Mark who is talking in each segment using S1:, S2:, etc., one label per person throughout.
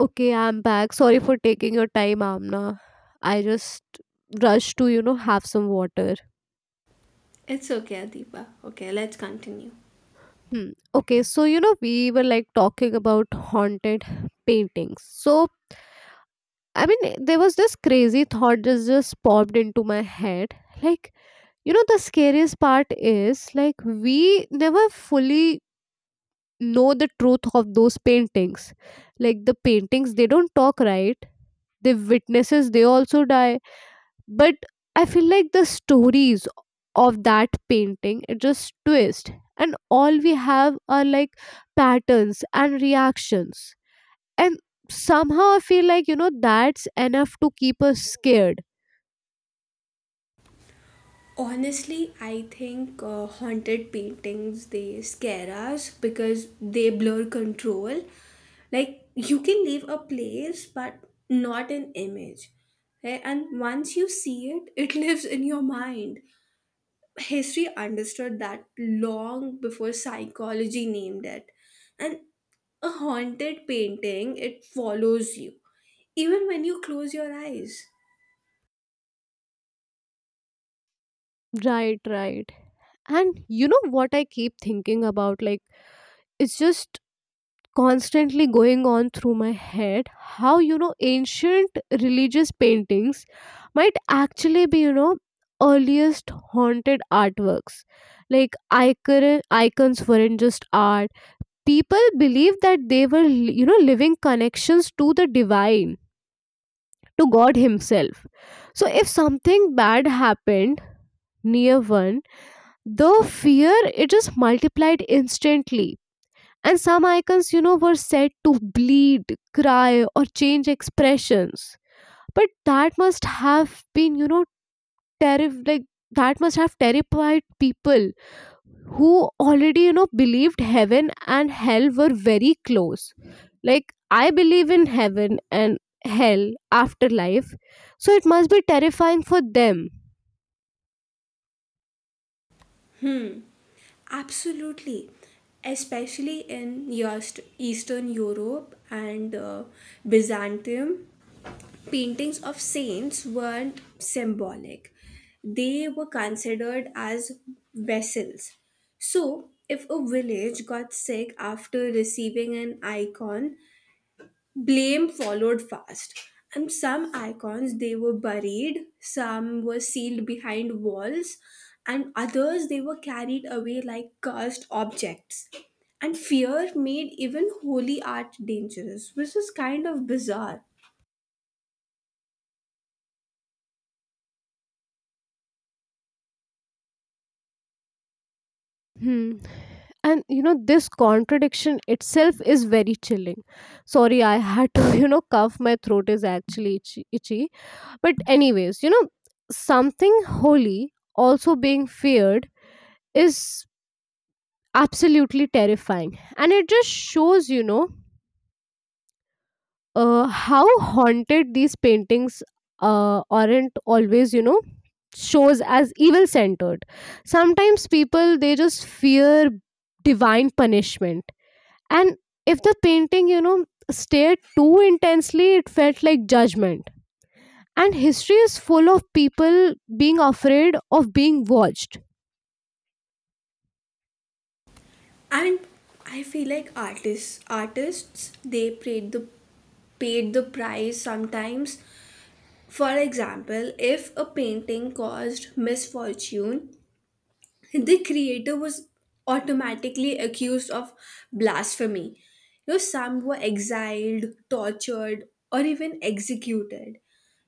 S1: Okay, I'm back. Sorry for taking your time, Amna. I just rushed to, have some water.
S2: It's okay, Adiba. Okay, let's continue.
S1: Hmm. Okay, we were talking about haunted paintings. I mean, there was this crazy thought that just popped into my head. Like, the scariest part is we never fully know the truth of those paintings. Like, the paintings, they don't talk, right? The witnesses, they also die, but I feel like the stories of that painting, it just twist, and all we have are like patterns and reactions, and somehow I feel like, that's enough to keep us scared.
S2: Honestly, I think haunted paintings they scare us because they blur control. Like you can leave a place but not an image. Right? And once you see it, it lives in your mind. History understood that long before psychology named it. And a haunted painting, it follows you even when you close your eyes.
S1: Right, right. And you know what I keep thinking about, like it's just constantly going on through my head, how, ancient religious paintings might actually be, earliest haunted artworks. Like icons weren't just art. People believed that they were, living connections to the divine, to god himself. So if something bad happened near one, the fear, it just multiplied instantly. And some icons, were said to bleed, cry, or change expressions. But that must have been, terrif- like that must have terrified people who already, believed heaven and hell were very close. Like, I believe in heaven and hell, afterlife, so it must be terrifying for them.
S2: Absolutely, especially in Eastern Europe and Byzantium, paintings of saints weren't symbolic. They were considered as vessels. So, if a village got sick after receiving an icon, blame followed fast, and some icons they were buried, some were sealed behind walls, and others they were carried away like cursed objects. And fear made even holy art dangerous, which is kind of bizarre.
S1: Hmm. And you know, this contradiction itself is very chilling. Sorry, I had to cough. My throat is actually itchy, itchy. But anyways, you know, something holy also being feared is absolutely terrifying, and it just shows, how haunted these paintings aren't always, shows as evil centered. Sometimes people, they just fear divine punishment. And if the painting, stared too intensely, it felt like judgment. And history is full of people being afraid of being watched.
S2: And I feel like artists they paid the price sometimes. For example, if a painting caused misfortune, the creator was automatically accused of blasphemy. You know, some were exiled, tortured, or even executed.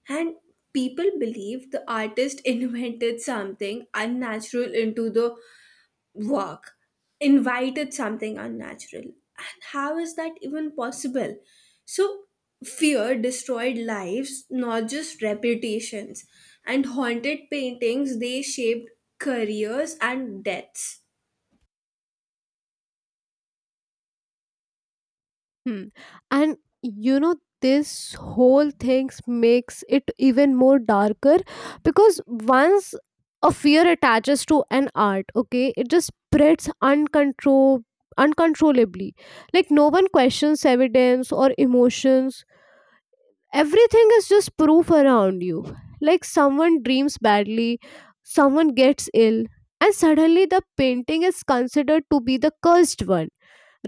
S2: And people believe the artist invented something unnatural into the work, invited something unnatural. And how is that even possible? So, fear destroyed lives, not just reputations. And haunted paintings, they shaped careers and deaths.
S1: Hmm. And you know, this whole thing makes it even more darker, because once a fear attaches to an art, okay, it just spreads uncontrol uncontrollably. Like no one questions evidence or emotions, everything is just proof around you. Like someone dreams badly, someone gets ill, and suddenly the painting is considered to be the cursed one,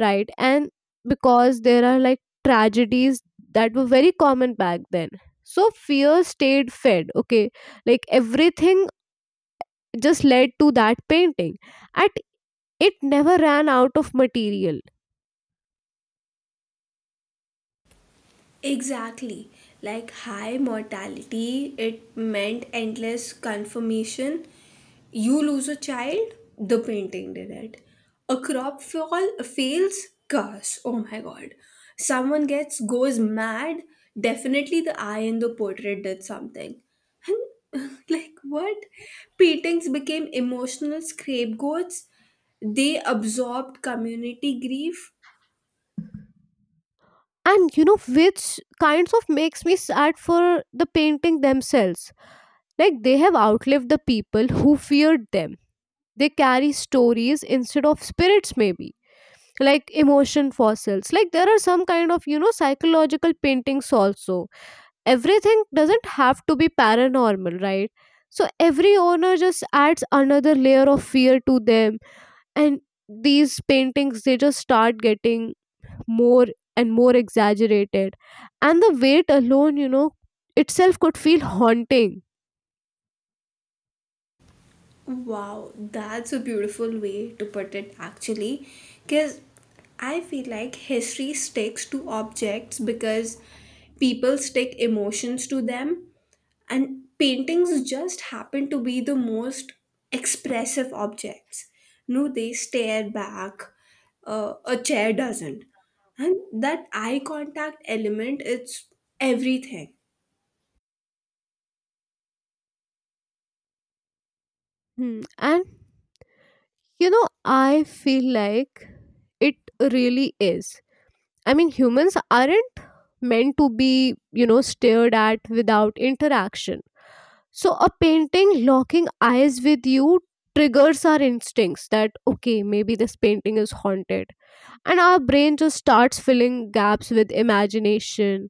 S1: right? And because there are like tragedies that were very common back then, so fear stayed fed, okay, like everything just led to that painting at, it never ran out of material.
S2: Exactly. Like high mortality, it meant endless confirmation. You lose a child, the painting did it. A crop fall fails, curse. Oh my god. Someone gets goes mad, definitely the eye in the portrait did something. And like what? Paintings became emotional scapegoats. They absorbed community grief.
S1: And you know which kinds of makes me sad for the painting themselves. Like they have outlived the people who feared them. They carry stories instead of spirits, maybe. Like emotion fossils. Like there are some kind of, psychological paintings also. Everything doesn't have to be paranormal, right? So every owner just adds another layer of fear to them. And these paintings, they just start getting more and more exaggerated. And the weight alone, itself could feel haunting.
S2: Wow, that's a beautiful way to put it actually. Because I feel like history sticks to objects because people stick emotions to them, and paintings just happen to be the most expressive objects. No, they stare back, a chair doesn't. And that eye contact element, it's everything.
S1: Hmm. And you know, I feel like it really is. I mean, humans aren't meant to be, stared at without interaction. So, a painting locking eyes with you triggers our instincts that, okay, maybe this painting is haunted. And our brain just starts filling gaps with imagination,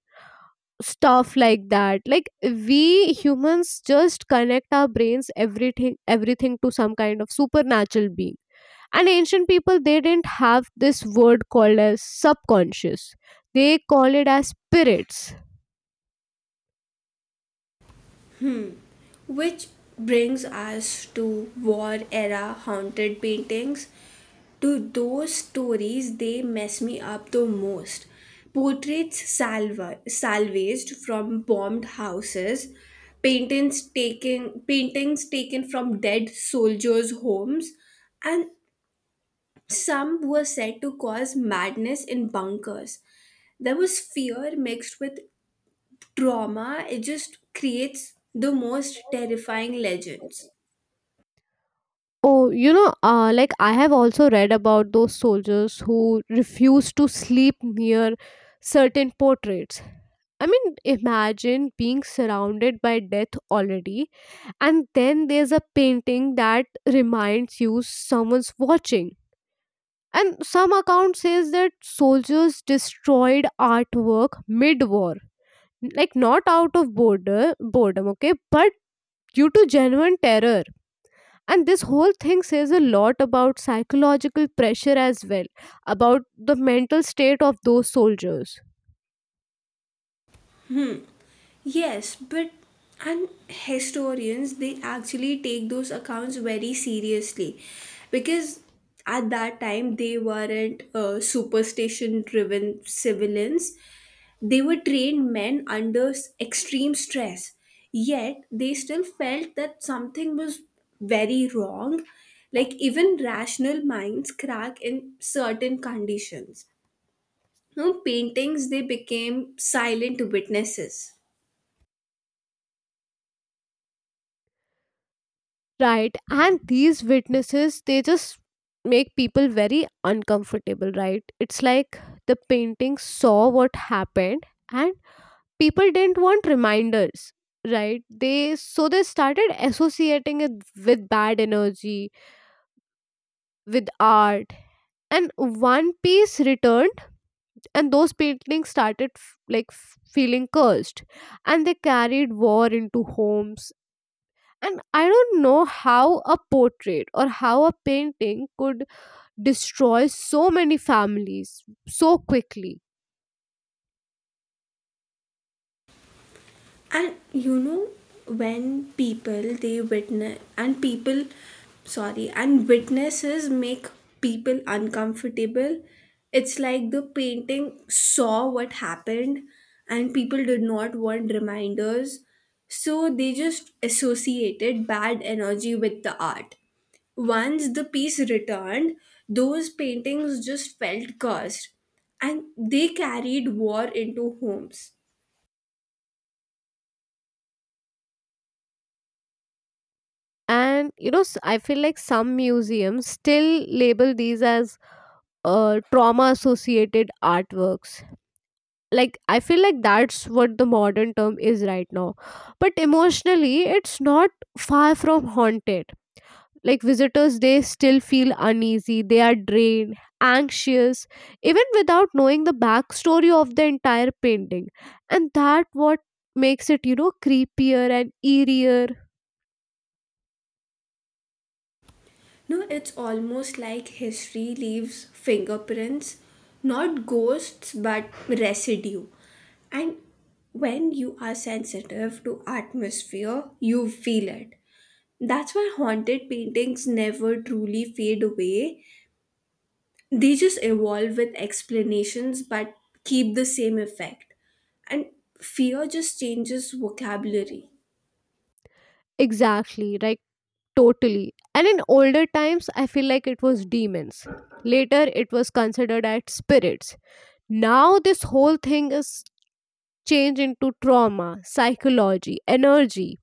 S1: stuff like that. Like, we humans just connect our brains, everything to some kind of supernatural being, and ancient people, they didn't have this word called as subconscious. They call it as spirits.
S2: Which brings us to war era haunted paintings. To those stories, they mess me up the most. Portraits salvaged from bombed houses, paintings taken from dead soldiers' homes, and some were said to cause madness in bunkers. There was fear mixed with trauma. It just creates the most terrifying legends.
S1: Oh, like I have also read about those soldiers who refused to sleep near certain portraits. I mean, imagine being surrounded by death already, and then there's a painting that reminds you someone's watching. And some account says that soldiers destroyed artwork mid war, like not out of border boredom, okay, but due to genuine terror. And this whole thing says a lot about psychological pressure as well, about the mental state of those soldiers.
S2: Hmm. Yes, but and historians they actually take those accounts very seriously because at that time they weren't superstition driven civilians. They were trained men under extreme stress. Yet they still felt that something was very wrong. Like even rational minds crack in certain conditions. You know, paintings they became silent witnesses.
S1: Right, and these witnesses, they just make people very uncomfortable, right? It's like the painting saw what happened, and people didn't want reminders. Right, they, so they started associating it with bad energy, with art. And one piece returned, and those paintings started feeling cursed, and they carried war into homes. And I don't know how a portrait or how a painting could destroy so many families so quickly.
S2: And you know when people, sorry, and witnesses make people uncomfortable, it's like the painting saw what happened and people did not want reminders, so they just associated bad energy with the art. Once the piece returned, those paintings just felt cursed and they carried war into homes.
S1: And you know, I feel like some museums still label these as trauma associated artworks. Like I feel like that's what the modern term is right now, but emotionally it's not far from haunted. Like visitors, they still feel uneasy, they are drained, anxious, even without knowing the backstory of the entire painting. And that what makes it, creepier and eerier.
S2: No, it's almost like history leaves fingerprints, not ghosts, but residue. And when you are sensitive to atmosphere, you feel it. That's why haunted paintings never truly fade away. They just evolve with explanations but keep the same effect. And fear just changes vocabulary.
S1: Exactly, right. Totally. And in older times, I feel like it was demons. Later, it was considered as spirits. Now, this whole thing is changed into trauma, psychology, energy,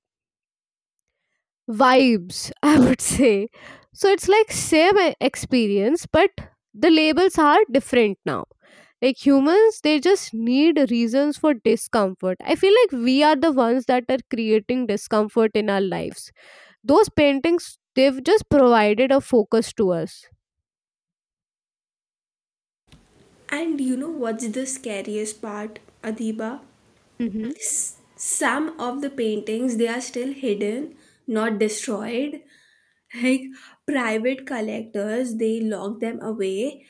S1: vibes, I would say. So it's like experience, but the labels are different now. Like humans, they just need reasons for discomfort. I feel like we are the ones that are creating discomfort in our lives. Those paintings, they've just provided a focus to us.
S2: And you know what's the scariest part, Adiba?
S1: Hmm.
S2: Some of the paintings they are still hidden, not destroyed. Like private collectors they lock them away,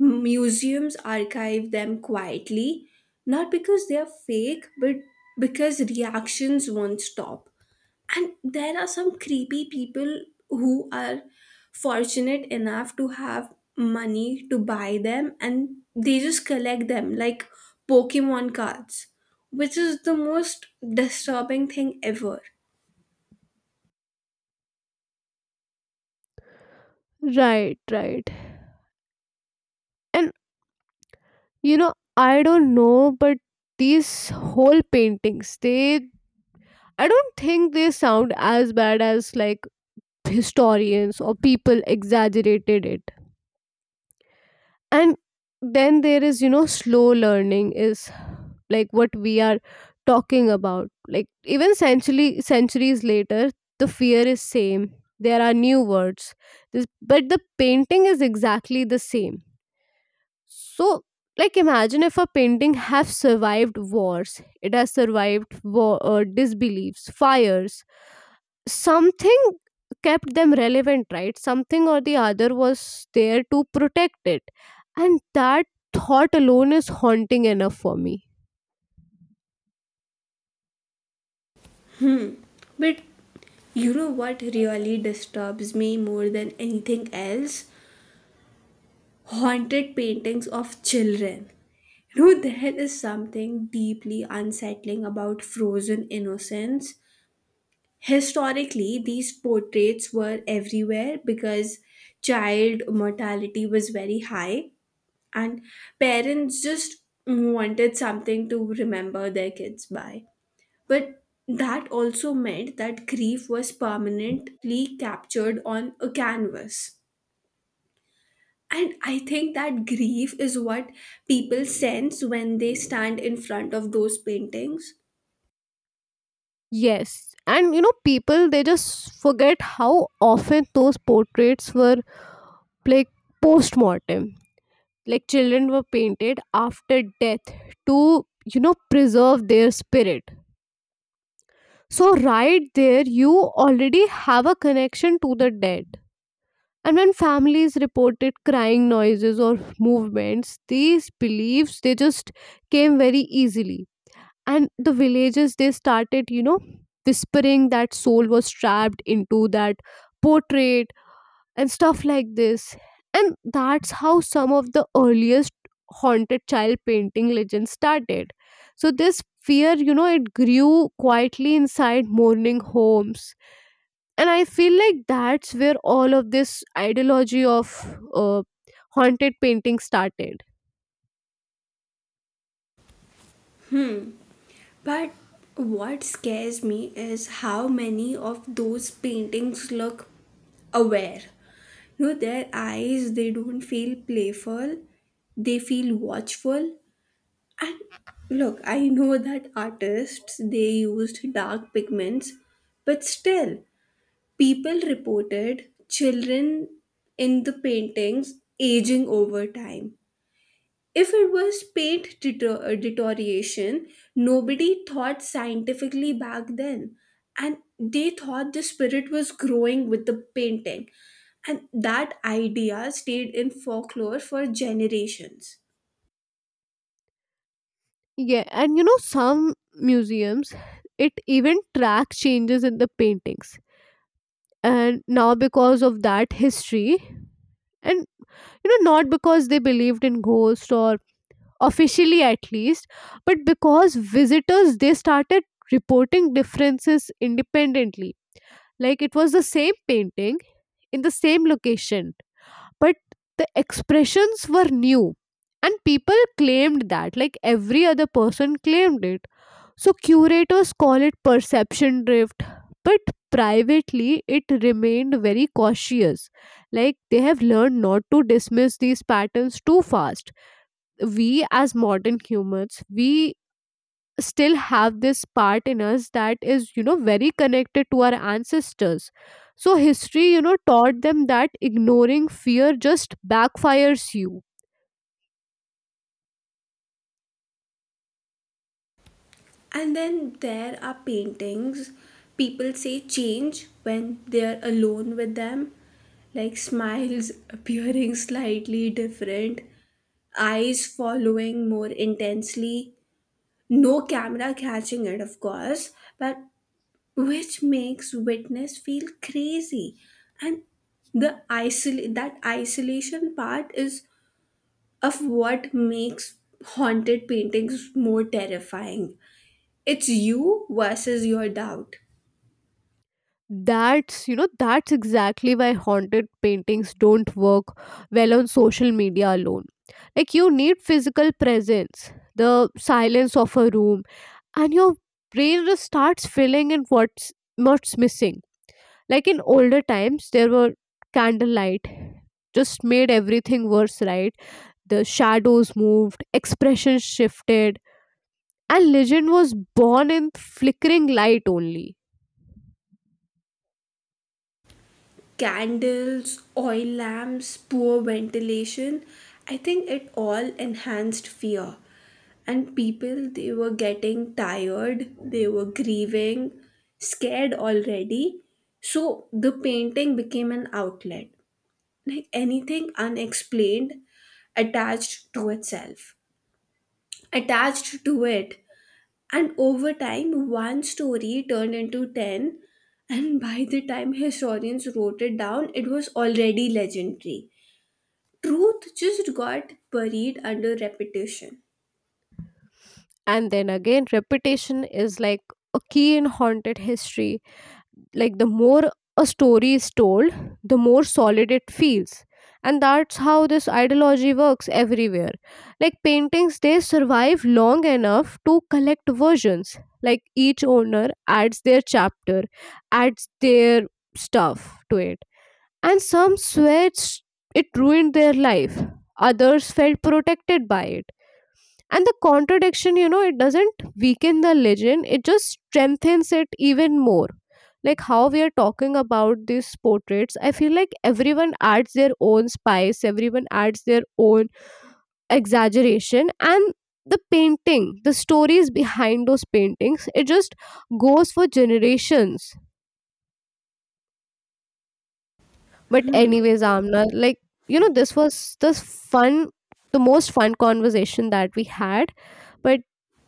S2: museums archive them quietly, not because they are fake but because reactions won't stop. And there are some creepy people who are fortunate enough to have money to buy them, and they just collect them like Pokemon cards, which is the most disturbing thing ever.
S1: Right, right. And you know, I don't know, but these whole paintings, they, I don't think they sound as bad as like historians or people exaggerated it. And then there is, slow learning is like what we are talking about. Like even century centuries later, the fear is same. There are new words, this, but the painting is exactly the same. So, like imagine if a painting have survived wars, it has survived war, disbeliefs, fires. Something kept them relevant, right? Something or the other was there to protect it, and that thought alone is haunting enough for me.
S2: But you know what really disturbs me more than anything else? Haunted paintings of children. You know, there is something deeply unsettling about frozen innocence. Historically, these portraits were everywhere because child mortality was very high, and parents just wanted something to remember their kids by. But that also meant that grief was permanently captured on a canvas. And I think that grief is what people sense when they stand in front of those paintings.
S1: Yes. And you know, people, they just forget how often those portraits were like post mortem. Like children were painted after death to, preserve their spirit. So right there you already have a connection to the dead. And when families reported crying noises or movements, these beliefs, they just came very easily, and the villagers, they started, whispering that soul was trapped into that portrait, and stuff like this. And that's how some of the earliest haunted child painting legends started. So this fear, it grew quietly inside mourning homes. And I feel like that's where all of this ideology of uh, haunted painting started.
S2: But what scares me is how many of those paintings look aware. You know, their eyes, they don't feel playful, they feel watchful. And look, I know that artists, they used dark pigments, but still, people reported children in the paintings aging over time. If it was paint deterioration, nobody thought scientifically back then. And they thought the spirit was growing with the painting. And that idea stayed in folklore for generations.
S1: Yeah, and you know, some museums, it even tracks changes in the paintings. And now, because of that history, and you know, not because they believed in ghosts or officially at least, but because visitors, they started reporting differences independently. Like it was the same painting in the same location, but the expressions were new. And people claimed that, like every other person claimed it. So curators call it perception drift, but privately it remained very cautious. Like they have learned not to dismiss these patterns too fast. We as modern humans, we still have this part in us that is, very connected to our ancestors. So history, taught them that ignoring fear just backfires you.
S2: And then there are paintings people say change when they're alone with them, like smiles appearing slightly different, eyes following more intensely. No camera catching it, of course, but which makes witness feel crazy. And the that isolation part is of what makes haunted paintings more terrifying. It's you versus your doubt.
S1: That's, that's exactly why haunted paintings don't work well on social media alone. Like you need physical presence, the silence of a room, and your brain just starts filling in what's missing. Like in older times, there were candlelight, just made everything worse, right? The shadows moved, expression shifted, and legend was born in flickering light only.
S2: Candles, oil lamps, poor ventilation. I think it all enhanced fear. And people, they were getting tired, they were grieving, scared already. So the painting became an outlet, like anything unexplained attached to itself, attached to it, and over time, one story turned into 10, and by the time historians wrote it down, it was already legendary. Truth just got buried under repetition.
S1: And then again, repetition is like a key in haunted history. Like the more a story is told, the more solid it feels. And that's how this ideology works everywhere. Like paintings, they survive long enough to collect versions. Like each owner adds their chapter, adds their stuff to it. And some it ruined their life, others felt protected by it. And the contradiction, it doesn't weaken the legend, it just strengthens it even more. Like how we are talking about these portraits, I feel like everyone adds their own spice, everyone adds their own exaggeration. And the painting, the stories behind those paintings, it just goes for generations. But anyways, Amna, like this was this fun, the most fun conversation that we had. But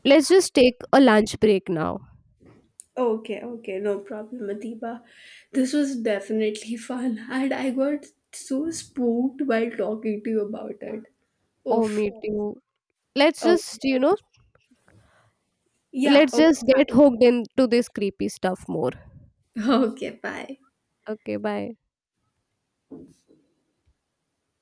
S1: let's just take a lunch break now.
S2: Okay, okay, no problem, Adiba. This was definitely fun, and I got so spooked while talking to you about it.
S1: Oh,
S2: Oof.
S1: me too. Let's
S2: Okay.
S1: just you know,
S2: Yeah,
S1: let's
S2: okay,
S1: just
S2: bye.
S1: get hooked into this creepy stuff more.
S2: Okay, bye.
S1: Okay, bye.